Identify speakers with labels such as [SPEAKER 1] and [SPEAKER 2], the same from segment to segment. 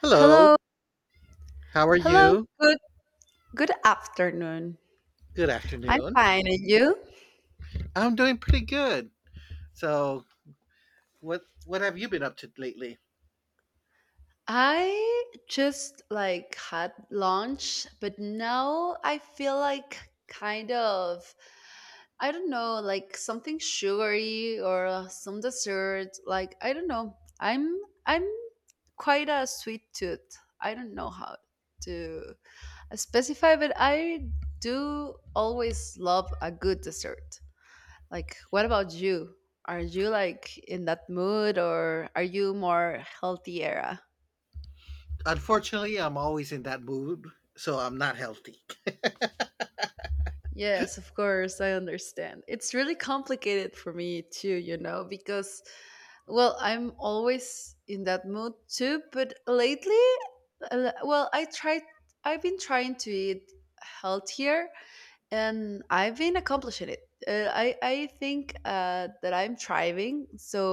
[SPEAKER 1] Hello,
[SPEAKER 2] Hello,
[SPEAKER 1] how are
[SPEAKER 2] hello.
[SPEAKER 1] you?
[SPEAKER 2] Good good afternoon.
[SPEAKER 1] Good
[SPEAKER 2] I'm
[SPEAKER 1] afternoon.
[SPEAKER 2] fine, and you?
[SPEAKER 1] I'm doing pretty good. So, what have you been up to lately?
[SPEAKER 2] I just like had lunch, but now I feel like kind of I don't know, like something sugary or some dessert. Like I don't know. I'm quite a sweet tooth. I don't know how to specify, but I do always love a good dessert. Like, what about you? Are you like in that mood or are you more healthy era?
[SPEAKER 1] Unfortunately, I'm always in that mood, so I'm not healthy.
[SPEAKER 2] Yes, of course, I understand. It's really complicated for me too, you know, because, well, I'm always in that mood too, but lately, well, I've been trying to eat healthier. And I've been accomplishing it. I think that I'm thriving. So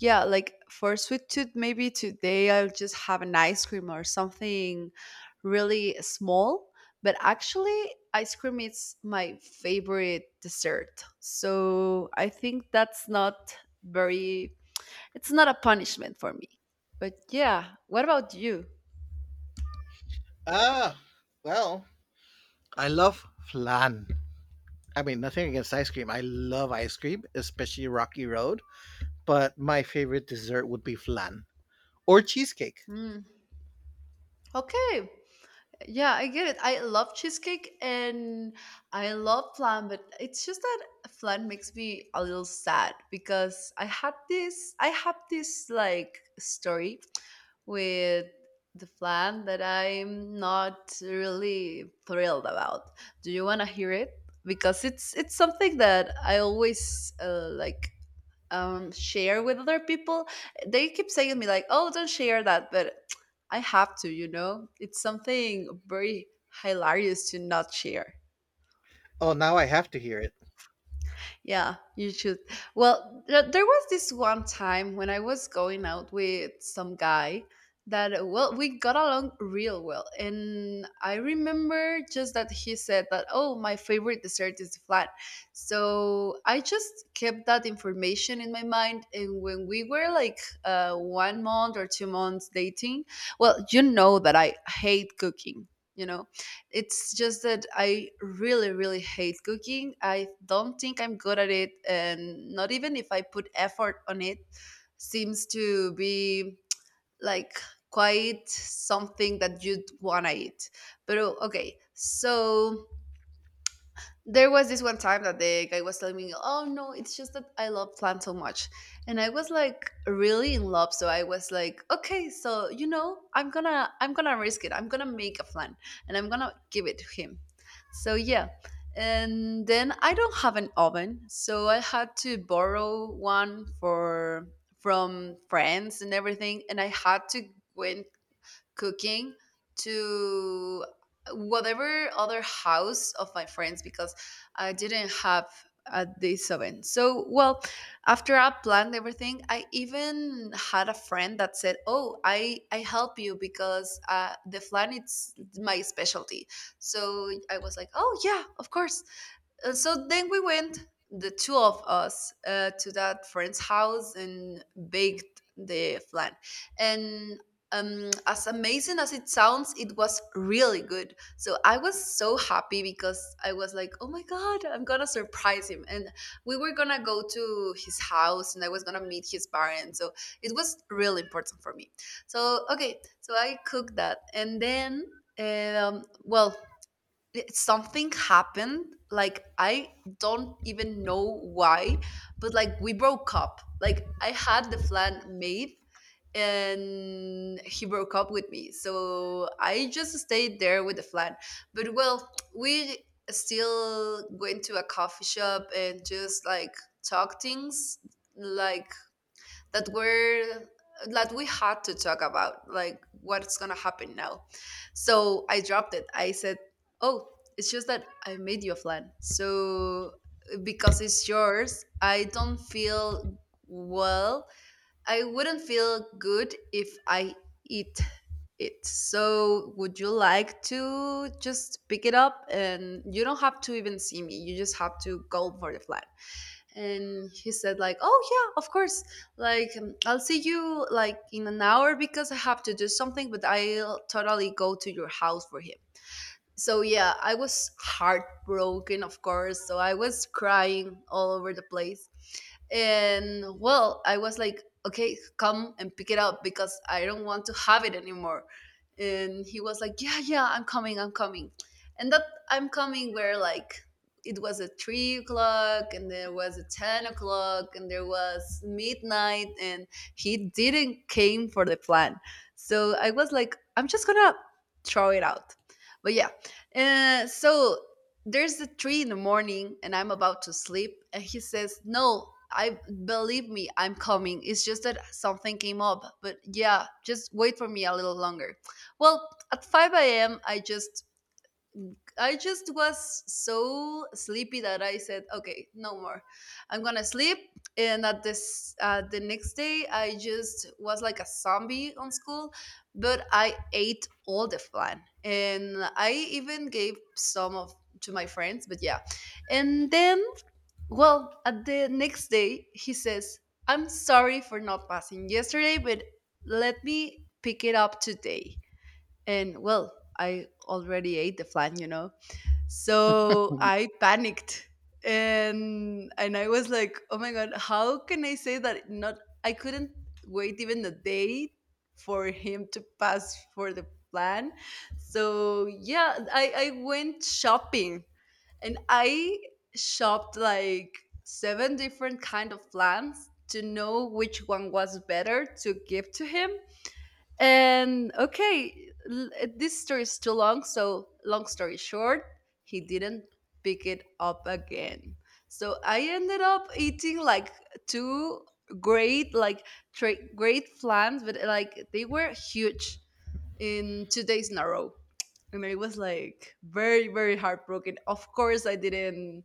[SPEAKER 2] yeah, like for sweet tooth, maybe today I'll just have an ice cream or something really small. But actually, ice cream is my favorite dessert. So I think that's not very. It's not a punishment for me. But yeah, what about you?
[SPEAKER 1] Ah, well, I love flan. I mean, nothing against ice cream. I love ice cream, especially Rocky Road, but my favorite dessert would be flan or cheesecake.
[SPEAKER 2] Mm. Okay, yeah, I get it. I love cheesecake and I love flan, but it's just that flan makes me a little sad because I have this like story with the flan that I'm not really thrilled about. Do you want to hear it? Because it's something that I always like share with other people. They keep saying to me like, "Oh, don't share that," but I have to. You know, it's something very hilarious to not share.
[SPEAKER 1] Oh, now I have to hear it.
[SPEAKER 2] Yeah, you should. Well, there was this one time when I was going out with some guy that, well, we got along real well. And I remember just that he said that, oh, my favorite dessert is flan. So I just kept that information in my mind. And when we were like 1 month or 2 months dating, well, you know that I hate cooking. You know, it's just that I really, really hate cooking. I don't think I'm good at it, and not even if I put effort on it, seems to be like quite something that you'd wanna eat. But oh, okay, so there was this one time that the guy was telling me, "Oh no, it's just that I love plants so much," and I was like really in love. So I was like, "Okay, so you know, I'm gonna risk it. I'm gonna make a plant, and I'm gonna give it to him." So yeah, and then I don't have an oven, so I had to borrow one for from friends and everything, and I had to went cooking to whatever other house of my friends because I didn't have at this event. So, well, after I planned everything, I even had a friend that said, "Oh, I help you because the flan it's my specialty." So I was like, "Oh yeah, of course, and so then we went, the two of us, to that friend's house and baked the flan. And as amazing as it sounds, it was really good. So I was so happy because I was like, oh my God, I'm going to surprise him. And we were going to go to his house and I was going to meet his parents. So it was really important for me. So, okay, so I cooked that. And then, well, something happened like I don't even know why, but like we broke up. Like I had the plan made and he broke up with me, so I just stayed there with the plan. But well, we still went to a coffee shop and just like talk things like that were that we had to talk about, like what's gonna happen now. So I dropped it, I said, oh, it's just that I made you a plan, so because it's yours I don't feel well, I wouldn't feel good if I eat it. So would you like to just pick it up and you don't have to even see me, you just have to go for the flan? And he said like, oh yeah, of course, like I'll see you like in an hour because I have to do something, but I'll totally go to your house for him. So yeah, I was heartbroken of course, so I was crying all over the place. And well, I was like, okay, come and pick it up because I don't want to have it anymore. And he was like, yeah, yeah, I'm coming, I'm coming. And that, I'm coming where? Like it was at 3 o'clock and there was a 10 o'clock and there was midnight, and he didn't came for the plan. So I was like, I'm just gonna throw it out. But yeah, so there's a three in the morning, and I'm about to sleep. And he says, "No, I believe me, I'm coming. It's just that something came up. But yeah, just wait for me a little longer." Well, at five a.m., I just was so sleepy that I said, "Okay, no more. I'm gonna sleep." And at this, the next day, I just was like a zombie on school, but I ate all the flan, and I even gave some of to my friends. But yeah, and then, well, at the next day, he says, "I'm sorry for not passing yesterday, but let me pick it up today." And well, I already ate the flan, you know. So I panicked, and I was like, "Oh my god, how can I say that not I couldn't wait even a day for him to pass for the plan." So yeah, I went shopping and I shopped like seven different kind of plans to know which one was better to give to him. And okay, this story is too long, so long story short, he didn't pick it up again. So I ended up eating like two great, like great flans, but like they were huge, in 2 days in a row. And I was like very, very heartbroken. Of course, I didn't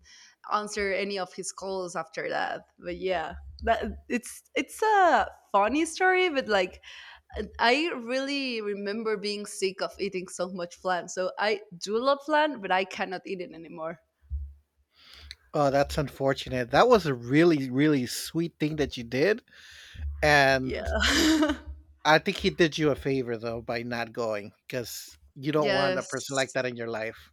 [SPEAKER 2] answer any of his calls after that. But yeah, that it's a funny story, but like, and I really remember being sick of eating so much flan. So I do love flan, but I cannot eat it anymore.
[SPEAKER 1] Oh, that's unfortunate. That was a really, really sweet thing that you did. And
[SPEAKER 2] Yeah.
[SPEAKER 1] I think he did you a favor though by not going because you don't want a person like
[SPEAKER 2] Yes.
[SPEAKER 1] that in your life.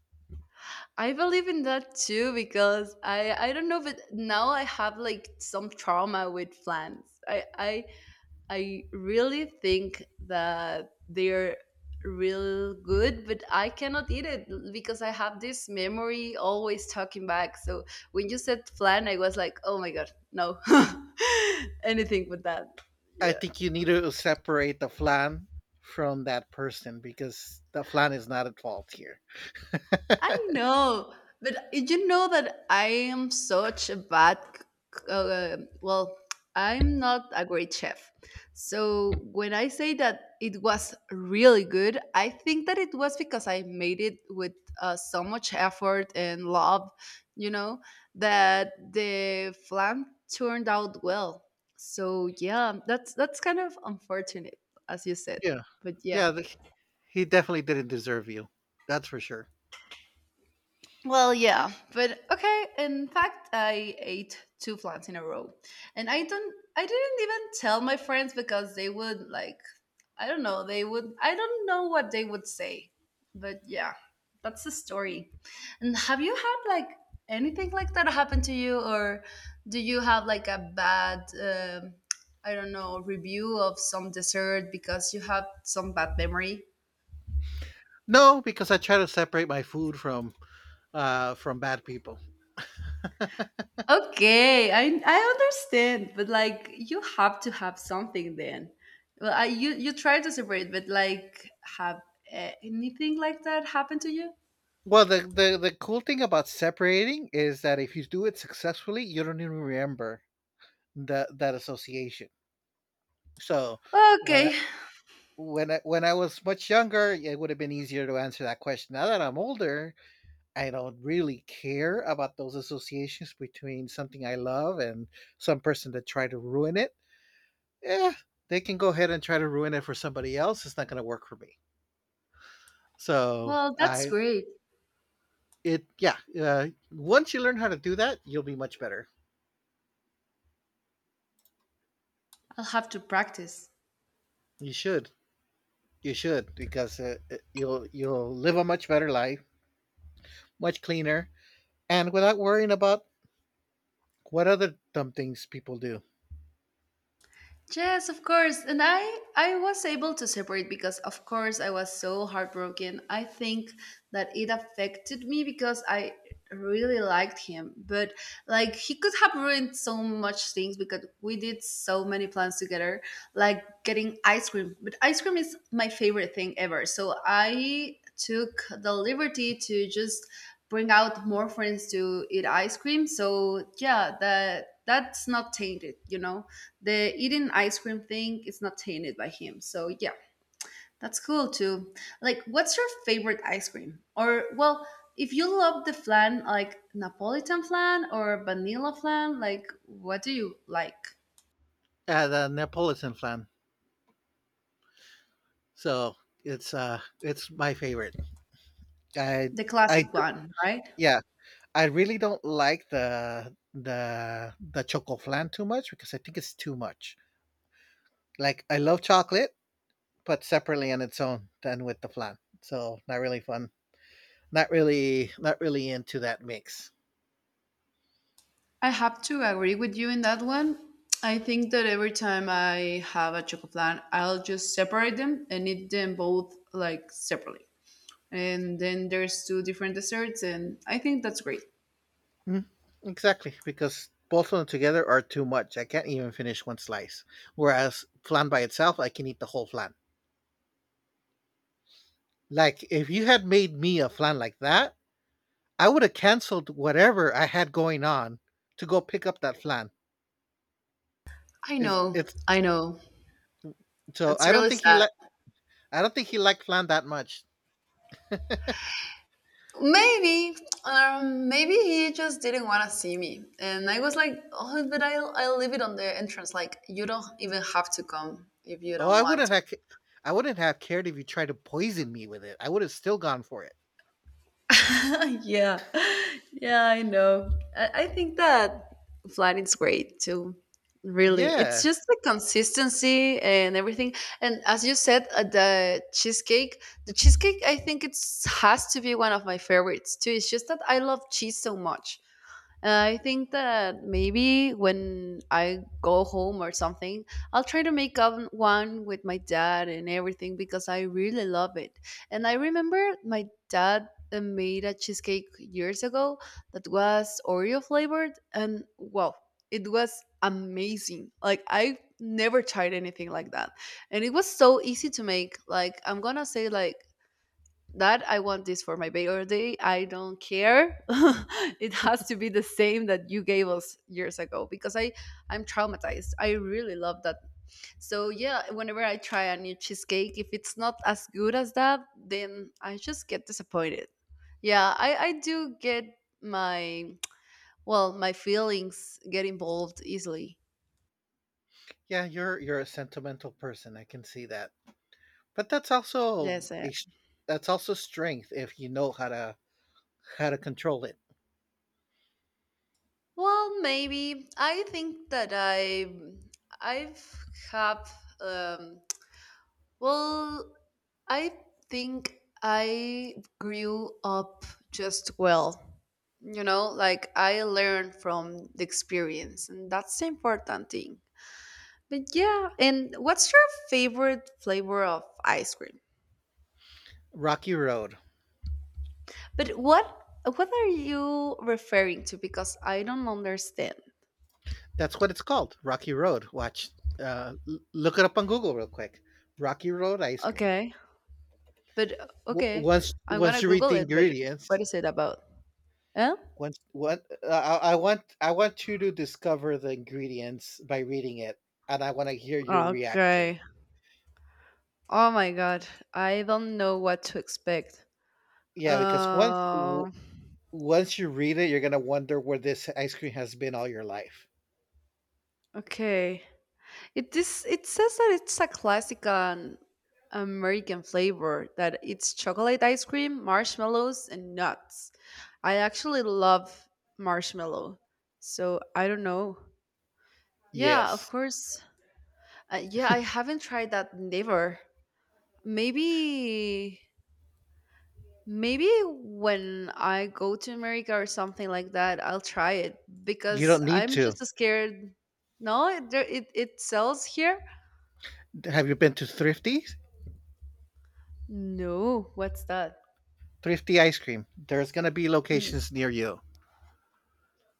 [SPEAKER 2] I believe in that too because I don't know, but now I have like some trauma with flans. I really think that they're real good, but I cannot eat it because I have this memory always talking back. So when you said flan, I was like, oh my god, no, anything but that.
[SPEAKER 1] I
[SPEAKER 2] Yeah.
[SPEAKER 1] think you need to separate the flan from that person because the flan is not at fault here.
[SPEAKER 2] I know, but did you know that I am such a bad, well, I'm not a great chef. So when I say that it was really good, I think that it was because I made it with so much effort and love, you know, that the flan turned out well. So yeah, that's kind of unfortunate, as you said.
[SPEAKER 1] Yeah,
[SPEAKER 2] But yeah.
[SPEAKER 1] yeah, he definitely didn't deserve you. That's for sure.
[SPEAKER 2] Well, yeah, but okay. In fact, I ate two plants in a row, and I don't. I didn't even tell my friends because they would like. I don't know. They would. I don't know what they would say, but yeah, that's the story. And have you had like anything like that happen to you, or do you have like a bad? I don't know, review of some dessert because you have some bad memory.
[SPEAKER 1] No, because I try to separate my food from bad people.
[SPEAKER 2] Okay, I understand, but like you have to have something then. Well, you try to separate, but like have anything like that happen to you?
[SPEAKER 1] Well, the cool thing about separating is that if you do it successfully, you don't even remember that that association. So when
[SPEAKER 2] Okay,
[SPEAKER 1] when I was much younger, it would have been easier to answer that question. Now that I'm older, I don't really care about those associations between something I love and some person that tried to ruin it. Yeah, they can go ahead and try to ruin it for somebody else. It's not going to work for me. So
[SPEAKER 2] well that's
[SPEAKER 1] I
[SPEAKER 2] great.
[SPEAKER 1] It, yeah. Once you learn how to do that, you'll be much better.
[SPEAKER 2] I'll have to practice.
[SPEAKER 1] You should. You should because you'll live a much better life, much cleaner, and without worrying about what other dumb things people do
[SPEAKER 2] Yes, of course. And I was able to separate because of course I was so heartbroken. I think that it affected me because I really liked him, but like he could have ruined so much things because we did so many plans together, like getting ice cream. But ice cream is my favorite thing ever. So I took the liberty to just bring out more friends to eat ice cream. So yeah, that's not tainted, you know. The eating ice cream thing is not tainted by him. So yeah, that's cool too. Like, what's your favorite ice cream? Or well, if you love the flan, like Napolitan flan or vanilla flan, like what do you like?
[SPEAKER 1] as the Neapolitan flan. So it's my favorite. I
[SPEAKER 2] The classic one, right?
[SPEAKER 1] yeah, I really don't like the choco flan too much because I think it's too much. Like I love chocolate, but separately on its own than with the flan. So not really fun. Not really into that mix.
[SPEAKER 2] I have to agree with you in that one. I think that every time I have a chocolate plan, I'll just separate them and eat them both like separately. And then there's two different desserts, and I think that's great.
[SPEAKER 1] Mm, exactly, because both of them together are too much. I can't even finish one slice. Whereas flan by itself, I can eat the whole flan. Like if you had made me a flan like that, I would have canceled whatever I had going on to go pick up that flan.
[SPEAKER 2] I
[SPEAKER 1] Is
[SPEAKER 2] know,
[SPEAKER 1] it's
[SPEAKER 2] I know.
[SPEAKER 1] So
[SPEAKER 2] It's
[SPEAKER 1] I don't
[SPEAKER 2] really
[SPEAKER 1] think he
[SPEAKER 2] sad.
[SPEAKER 1] like I don't think he liked flan that much.
[SPEAKER 2] Maybe, maybe he just didn't want to see me, and I was like, "Oh, but I'll leave it on the entrance. Like, you don't even have to come if you
[SPEAKER 1] Oh,
[SPEAKER 2] don't want to."
[SPEAKER 1] I wouldn't have cared if you tried to poison me with it. I would have still gone for it.
[SPEAKER 2] Yeah, yeah, I know. I think that flat is great too. Really, it's
[SPEAKER 1] Yeah.
[SPEAKER 2] just the consistency and everything. And as you said, the cheesecake, I think it's has to be one of my favorites too. It's just that I love cheese so much. I think that maybe when I go home or something, I'll try to make up one with my dad and everything because I really love it. And I remember my dad made a cheesecake years ago that was Oreo flavored, and wow, it was amazing. Like I never tried anything like that, and it was so easy to make. Like I'm gonna say like that I want this for my birthday. I don't care. It has to be the same that you gave us years ago because I'm traumatized. I really love that. So yeah, whenever I try a new cheesecake, if it's not as good as that, then I just get disappointed. Yeah, I do get my well my feelings get involved easily.
[SPEAKER 1] Yeah, you're a sentimental person. I can see that. But that's also
[SPEAKER 2] Yes.
[SPEAKER 1] that's also strength if you know how to control it.
[SPEAKER 2] Well, maybe I think that I've have um well I think I grew up just well. You know, like I learned from the experience, and that's the important thing. But yeah, and what's your favorite flavor of ice cream?
[SPEAKER 1] Rocky Road.
[SPEAKER 2] But what are you referring to? Because I don't understand.
[SPEAKER 1] That's what it's called. Rocky Road. Look it up on Google real quick. Rocky Road ice cream.
[SPEAKER 2] Okay. But okay,
[SPEAKER 1] Once
[SPEAKER 2] I'm
[SPEAKER 1] once
[SPEAKER 2] gonna
[SPEAKER 1] you read
[SPEAKER 2] Google
[SPEAKER 1] the
[SPEAKER 2] it. But
[SPEAKER 1] ingredients,
[SPEAKER 2] what is it about? Eh?
[SPEAKER 1] once what I want you to discover the ingredients by reading it, and I want to hear your reaction.
[SPEAKER 2] Okay. Oh my god, I don't know what to expect.
[SPEAKER 1] Yeah, because
[SPEAKER 2] Um,
[SPEAKER 1] once you read it, you're gonna wonder where this ice cream has been all your life.
[SPEAKER 2] Okay. It this it says that it's a classic American flavor that it's chocolate ice cream, marshmallows, and nuts. I actually love marshmallow. So I don't know. Yeah, of
[SPEAKER 1] Yes,
[SPEAKER 2] course. Yeah, I haven't tried that never. Maybe maybe when I go to America or something like that, I'll try it
[SPEAKER 1] you
[SPEAKER 2] because
[SPEAKER 1] don't need
[SPEAKER 2] I'm
[SPEAKER 1] to.
[SPEAKER 2] just scared. No, it sells here.
[SPEAKER 1] Have you been to
[SPEAKER 2] No, what's that?
[SPEAKER 1] Thrifty ice cream. There's gonna be
[SPEAKER 2] Mm,
[SPEAKER 1] locations near you.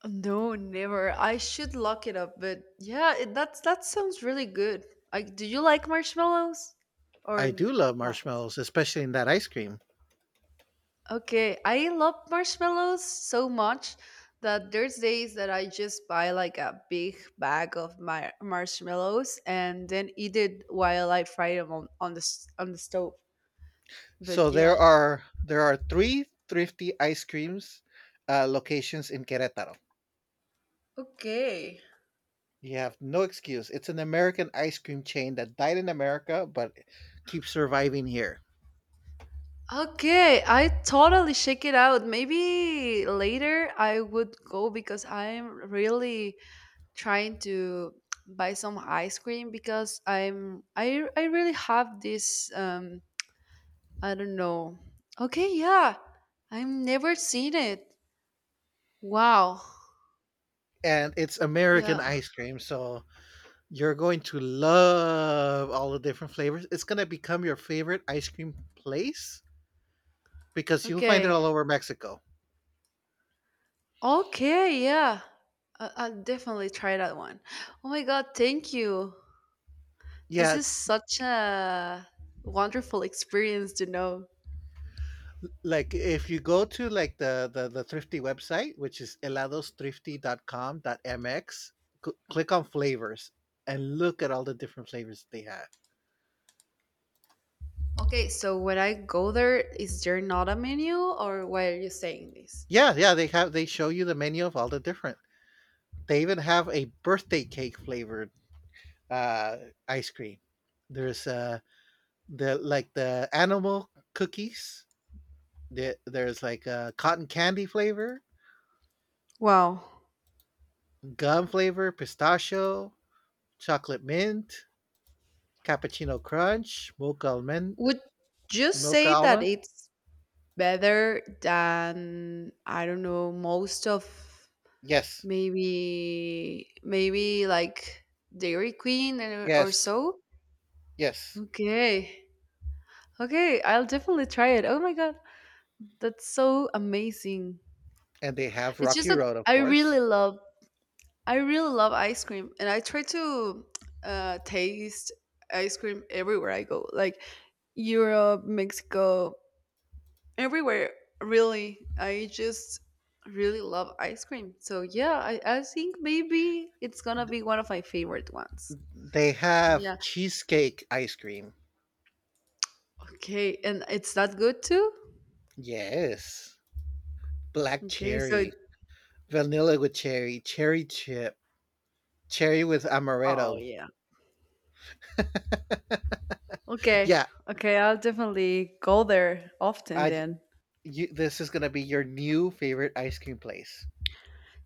[SPEAKER 2] no, never. I should look it up, but yeah, that's that sounds really good. Like, do you like marshmallows
[SPEAKER 1] I
[SPEAKER 2] or
[SPEAKER 1] do love
[SPEAKER 2] not?
[SPEAKER 1] marshmallows, especially in that ice cream.
[SPEAKER 2] Okay, I love marshmallows so much that there's days that I just buy like a big bag of my marshmallows and then eat it while I fry them on on the stove. But
[SPEAKER 1] So
[SPEAKER 2] yeah.
[SPEAKER 1] there are three thrifty ice creams, locations in Querétaro.
[SPEAKER 2] Okay.
[SPEAKER 1] You have no excuse. It's an American ice cream chain that died in America but keeps surviving here.
[SPEAKER 2] Okay, I totally check it out. Maybe later I would go because I'm really trying to buy some ice cream because I really have this I don't know. Okay, yeah. I've never seen it. Wow.
[SPEAKER 1] And it's American
[SPEAKER 2] Yeah.
[SPEAKER 1] ice cream, so you're going to love all the different flavors. It's gonna become your favorite ice cream place because you'll find it
[SPEAKER 2] Okay.
[SPEAKER 1] all over Mexico.
[SPEAKER 2] Okay, yeah. I'll definitely try that one. Oh my god, thank you. This
[SPEAKER 1] Yeah,
[SPEAKER 2] is such a wonderful experience to know.
[SPEAKER 1] like if you go to like the thrifty website, which is heladostrifty.com.mx. Click on flavors and look at all the different flavors they have.
[SPEAKER 2] Okay, so when I go there, is there not a menu, or why are you saying this?
[SPEAKER 1] Yeah, yeah, they show you the menu of all the different. They even have a birthday cake flavored uh ice cream. There's the like the animal cookies. There's like a cotton candy flavor,
[SPEAKER 2] Wow.
[SPEAKER 1] gum flavor, pistachio, chocolate mint, cappuccino crunch, mocha almond.
[SPEAKER 2] Would you
[SPEAKER 1] Milk
[SPEAKER 2] say that
[SPEAKER 1] Almond?
[SPEAKER 2] it's better than, I don't know, most of
[SPEAKER 1] Yes,
[SPEAKER 2] maybe like Dairy Queen or
[SPEAKER 1] yes,
[SPEAKER 2] so?
[SPEAKER 1] yes.
[SPEAKER 2] Okay. Okay, I'll definitely try it. Oh my God, that's so amazing.
[SPEAKER 1] And they have
[SPEAKER 2] It's just
[SPEAKER 1] Rocky
[SPEAKER 2] that
[SPEAKER 1] Road, of course.
[SPEAKER 2] I really love ice cream, and I try to taste ice cream everywhere I go, like Europe, Mexico, everywhere. Really, I just really love ice cream. So yeah, I think maybe it's gonna be one of my favorite ones.
[SPEAKER 1] They have
[SPEAKER 2] Yeah.
[SPEAKER 1] cheesecake ice cream.
[SPEAKER 2] Okay, and it's that good too.
[SPEAKER 1] Yes. Black
[SPEAKER 2] Okay, so it-
[SPEAKER 1] cherry, vanilla with cherry, cherry chip, cherry with
[SPEAKER 2] oh
[SPEAKER 1] amaretto.
[SPEAKER 2] yeah. Okay,
[SPEAKER 1] Yeah,
[SPEAKER 2] okay, I'll definitely go there often
[SPEAKER 1] I
[SPEAKER 2] then.
[SPEAKER 1] this is going to be your new favorite ice cream place.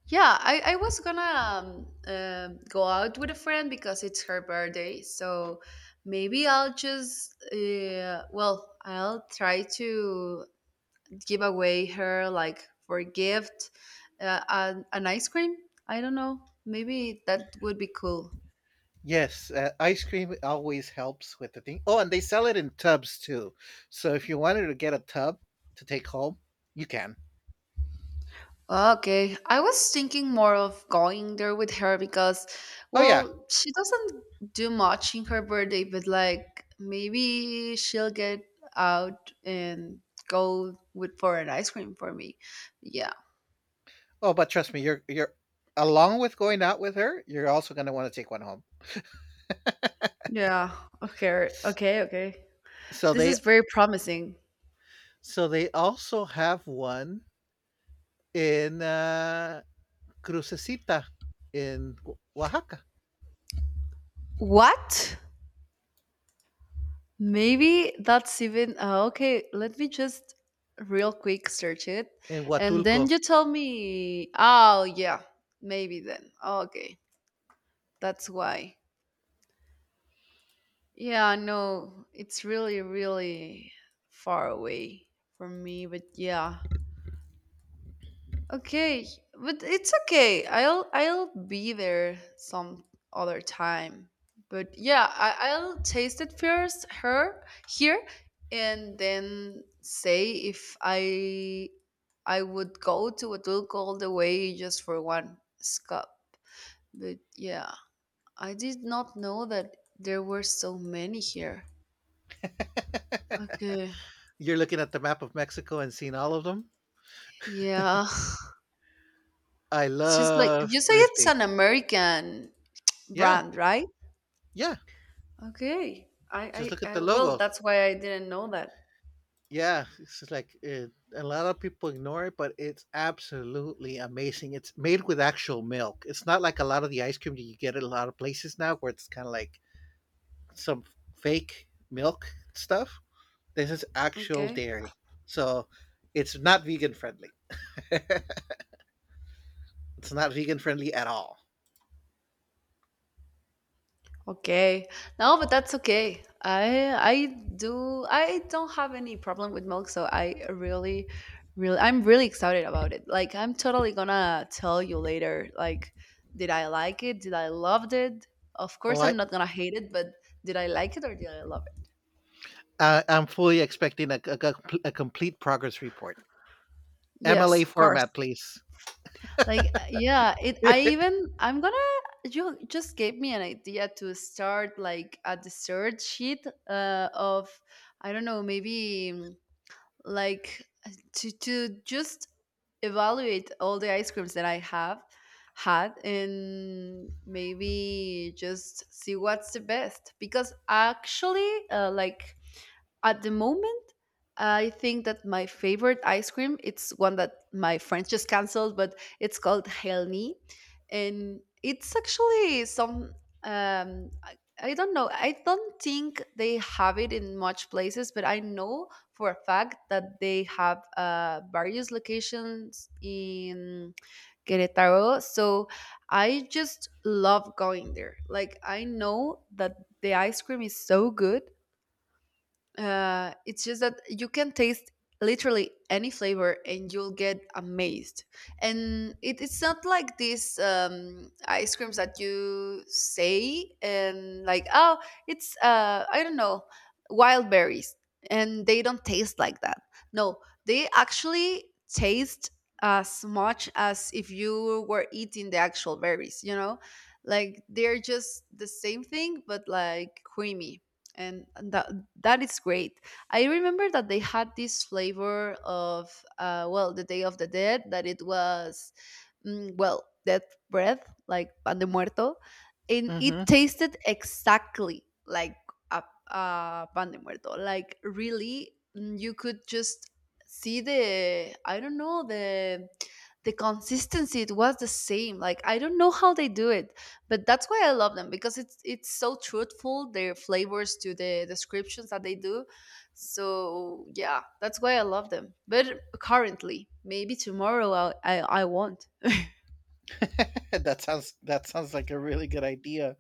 [SPEAKER 2] Yeah, I was gonna go out with a friend because it's her birthday. So maybe I'll just, well, I'll try to give away her, like, for a gift, an ice cream. I don't know. Maybe that would be cool.
[SPEAKER 1] Yes, ice cream always helps with the thing. Oh, and they sell it in tubs too. So if you wanted to get a tub to take home, you can.
[SPEAKER 2] Okay, I was thinking more of going there with her because,
[SPEAKER 1] Oh yeah.
[SPEAKER 2] well, she doesn't do much in her birthday, but like maybe she'll get out and go with for an ice cream for me. Yeah.
[SPEAKER 1] Oh, but trust me, you're along with going out with her, you're also going to want to take one home.
[SPEAKER 2] Yeah. Okay. Okay. Okay.
[SPEAKER 1] So
[SPEAKER 2] This is very promising.
[SPEAKER 1] they also have one in Crucecita, in Oaxaca,
[SPEAKER 2] What? Maybe that's even okay. Let me just real quick search it,
[SPEAKER 1] in
[SPEAKER 2] and then
[SPEAKER 1] Huatulco.
[SPEAKER 2] you tell me. Oh yeah, maybe then. Okay. That's why. Yeah, no, it's really, really far away from me, but yeah. Okay, but it's okay. I'll be there some other time. But yeah, I'll taste it first, her here, and then say if I would go to a Duke all the way just for one scup. But yeah, I did not know that there were so many here. Okay.
[SPEAKER 1] You're looking at the map of Mexico and seeing all of them.
[SPEAKER 2] Yeah.
[SPEAKER 1] I
[SPEAKER 2] It's just like
[SPEAKER 1] love
[SPEAKER 2] you say it's
[SPEAKER 1] thrifty.
[SPEAKER 2] an American
[SPEAKER 1] Yeah,
[SPEAKER 2] brand, right?
[SPEAKER 1] yeah.
[SPEAKER 2] Okay.
[SPEAKER 1] Just look at
[SPEAKER 2] I
[SPEAKER 1] the
[SPEAKER 2] well,
[SPEAKER 1] logo.
[SPEAKER 2] that's why I didn't know that.
[SPEAKER 1] Yeah, it's just like it, a lot of people ignore it, but it's absolutely amazing. It's made with actual milk. It's not like a lot of the ice cream that you get at a lot of places now, where it's kind of like some fake milk stuff. This is actual
[SPEAKER 2] Okay.
[SPEAKER 1] dairy, so it's not vegan friendly. It's not vegan friendly at all.
[SPEAKER 2] Okay. No, but that's okay. I don't have any problem with milk, so I'm really excited about it. Like I'm totally gonna tell you later like did I like it? Did I loved it? Of
[SPEAKER 1] Oh,
[SPEAKER 2] course I'm
[SPEAKER 1] I,
[SPEAKER 2] not gonna hate it, but did I like it or did I love it?
[SPEAKER 1] I I'm fully expecting a complete progress report,
[SPEAKER 2] Yes,
[SPEAKER 1] MLA
[SPEAKER 2] of course.
[SPEAKER 1] format, please.
[SPEAKER 2] Like, yeah, I even, I'm gonna, you just gave me an idea to start like a dessert sheet of, I don't know, maybe like to just evaluate all the ice creams that I have had and maybe just see what's the best. Because actually, like, at the moment, I think that my favorite ice cream, it's one that my friends just canceled, but it's called Helny. And it's actually some um I, I don't know. I don't think they have it in much places, but I know for a fact that they have various locations in Querétaro. So I just love going there. Like I know that the ice cream is so good it's just that you can taste literally any flavor and you'll get amazed. And it's not like these ice creams that you say and like, oh, I don't know, wild berries. And they don't taste like that. No, they actually taste as much as if you were eating the actual berries, you know? Like they're just the same thing, but like creamy and that is great. I remember that they had this flavor of well, the Day of the Dead, that it was well, death bread like pan de muerto, and it
[SPEAKER 1] Hmm.
[SPEAKER 2] tasted exactly like a, a pan de muerto. Like really, mm, you could just see the I don't know the consistency. It was the same. Like I don't know how they do it but that's why I love them because it's so truthful their flavors to the descriptions that they do. So yeah, that's why I love them. But currently, maybe tomorrow I won't.
[SPEAKER 1] That sounds like a really good idea.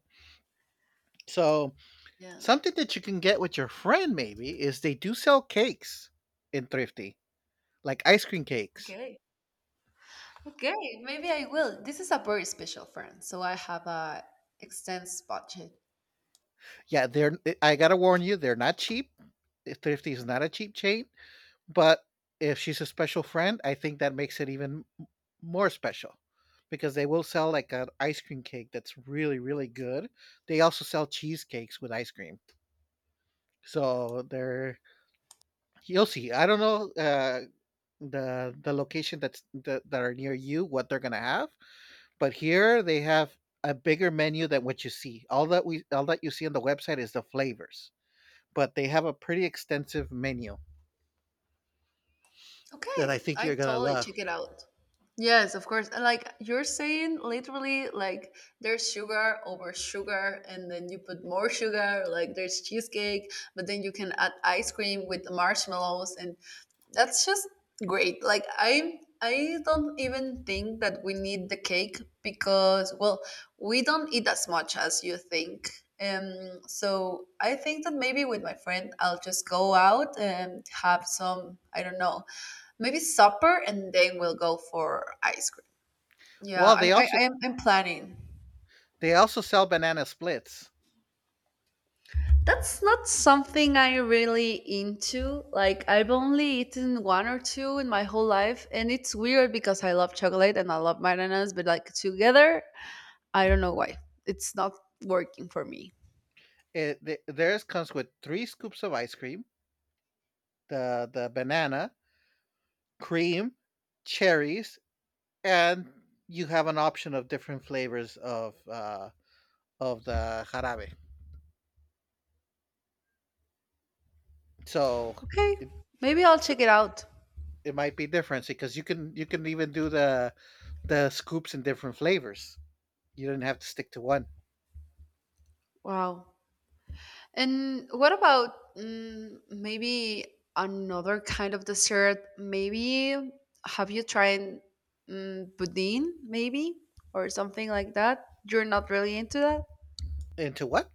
[SPEAKER 1] So
[SPEAKER 2] Yeah.
[SPEAKER 1] something that you can get with your friend maybe is they do sell cakes in Thrifty, like ice cream cakes.
[SPEAKER 2] Okay. Okay. Maybe I will. This is a very special friend, so I have a extensive budget.
[SPEAKER 1] Yeah, I gotta warn you, they're not cheap. Eh, Thrifty is not a cheap chain, but if she's a special friend, I think that makes it even more special because they will sell like an ice cream cake that's really, really good. They also sell cheesecakes with ice cream. So they're you'll see. I don't know the location that are near you what they're gonna have. But here they have a bigger menu than what you see. All that you see on the website is the flavors, but they have a pretty extensive menu that
[SPEAKER 2] Okay,
[SPEAKER 1] I think
[SPEAKER 2] I
[SPEAKER 1] you're gonna
[SPEAKER 2] totally
[SPEAKER 1] love.
[SPEAKER 2] check it out. Yes, of course. And like you're saying, literally, like there's sugar over sugar, and then you put more sugar, like there's cheesecake, but then you can add ice cream with marshmallows, and that's just great. Like I don't even think that we need the cake because well, we don't eat as much as you think. So I think that maybe with my friend, I'll just go out and have some, I don't know, maybe supper and then we'll go for ice cream. Yeah,
[SPEAKER 1] Well,
[SPEAKER 2] I am, I'm planning.
[SPEAKER 1] they also sell banana splits.
[SPEAKER 2] That's not something I really into. Like, I've only eaten one or two in my whole life, and it's weird because I love chocolate and I love bananas, but like together, I don't know why. It's not working for me.
[SPEAKER 1] Theirs comes with three scoops of ice cream, the banana, cream, cherries, and you have an option of different flavors of of the jarabe. So
[SPEAKER 2] Okay,
[SPEAKER 1] it,
[SPEAKER 2] maybe I'll
[SPEAKER 1] so
[SPEAKER 2] check it out.
[SPEAKER 1] it might be different because you can even do the scoops in different flavors. You didn't have to stick to one.
[SPEAKER 2] Wow. And what about maybe another kind of dessert? Maybe have you tried budin, maybe, or something like that? You're not really into that?
[SPEAKER 1] Into what?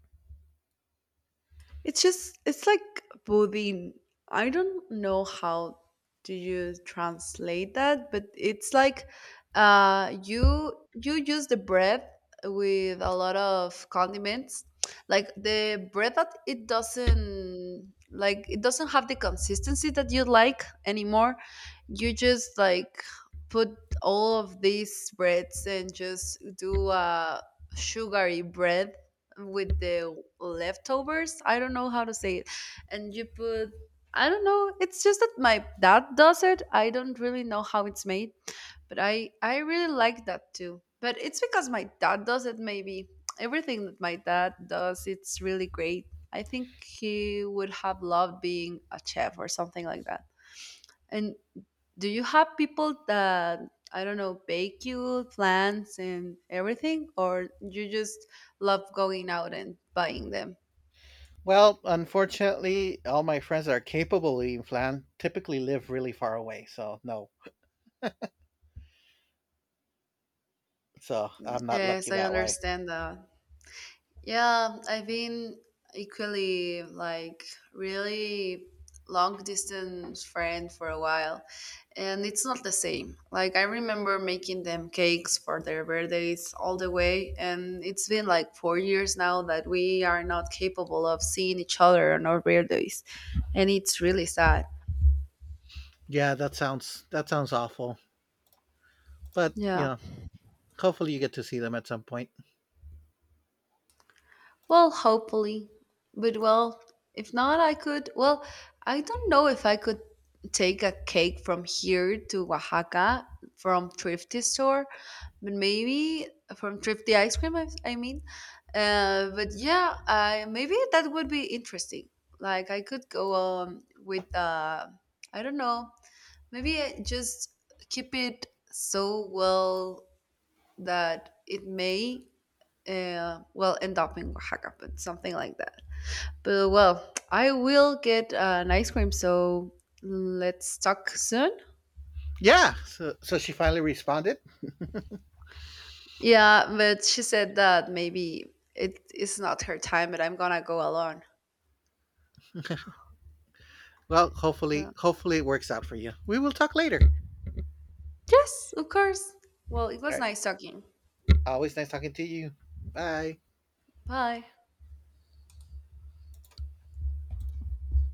[SPEAKER 2] It's just it's like Bodhi. I don't know how do you translate that, but it's like you use the bread with a lot of condiments. Like the bread that it doesn't have the consistency that you like anymore. You just like put all of these breads and just do a sugary bread with the leftovers. I don't know how to say it, and you put I don't know, it's just that my dad does it. I don't really know how it's made, but I really like that too, but it's because my dad does it. Maybe everything that my dad does it's really great. I think he would have loved being a chef or something like that. And do you have people that I don't know bake you plants and everything, or you just love going out and buying them?
[SPEAKER 1] Well, unfortunately, all my friends that are capable of eating flan typically live really far away, so no. So I'm not
[SPEAKER 2] Yes,
[SPEAKER 1] lucky
[SPEAKER 2] I
[SPEAKER 1] that way.
[SPEAKER 2] understand that. Yeah, I've been equally like really long distance friend for a while and it's not the same. Like I remember making them cakes for their birthdays all the way and it's been like 4 years now that we are not capable of seeing each other on our birthdays and it's really sad.
[SPEAKER 1] Yeah, that sounds awful. But you
[SPEAKER 2] Yeah.
[SPEAKER 1] know, hopefully you get to see them at some point.
[SPEAKER 2] Well, hopefully. But well, if not, I could. Well, I don't know if I could take a cake from here to Oaxaca from thrifty store, but maybe from thrifty ice cream. I mean, but yeah, I maybe that would be interesting. Like I could go with I don't know. Maybe I just keep it so well that it may well, end up in Oaxaca, but something like that. But well, I will get an ice cream, so let's talk soon.
[SPEAKER 1] Yeah. So she finally responded.
[SPEAKER 2] Yeah, but she said that maybe it is not her time, but I'm gonna go alone.
[SPEAKER 1] Well,
[SPEAKER 2] Yeah.
[SPEAKER 1] hopefully it works out for you. We will talk later. All
[SPEAKER 2] Yes, of course. Well, it was
[SPEAKER 1] right.
[SPEAKER 2] nice talking.
[SPEAKER 1] Always nice talking to you. Bye.
[SPEAKER 2] Bye.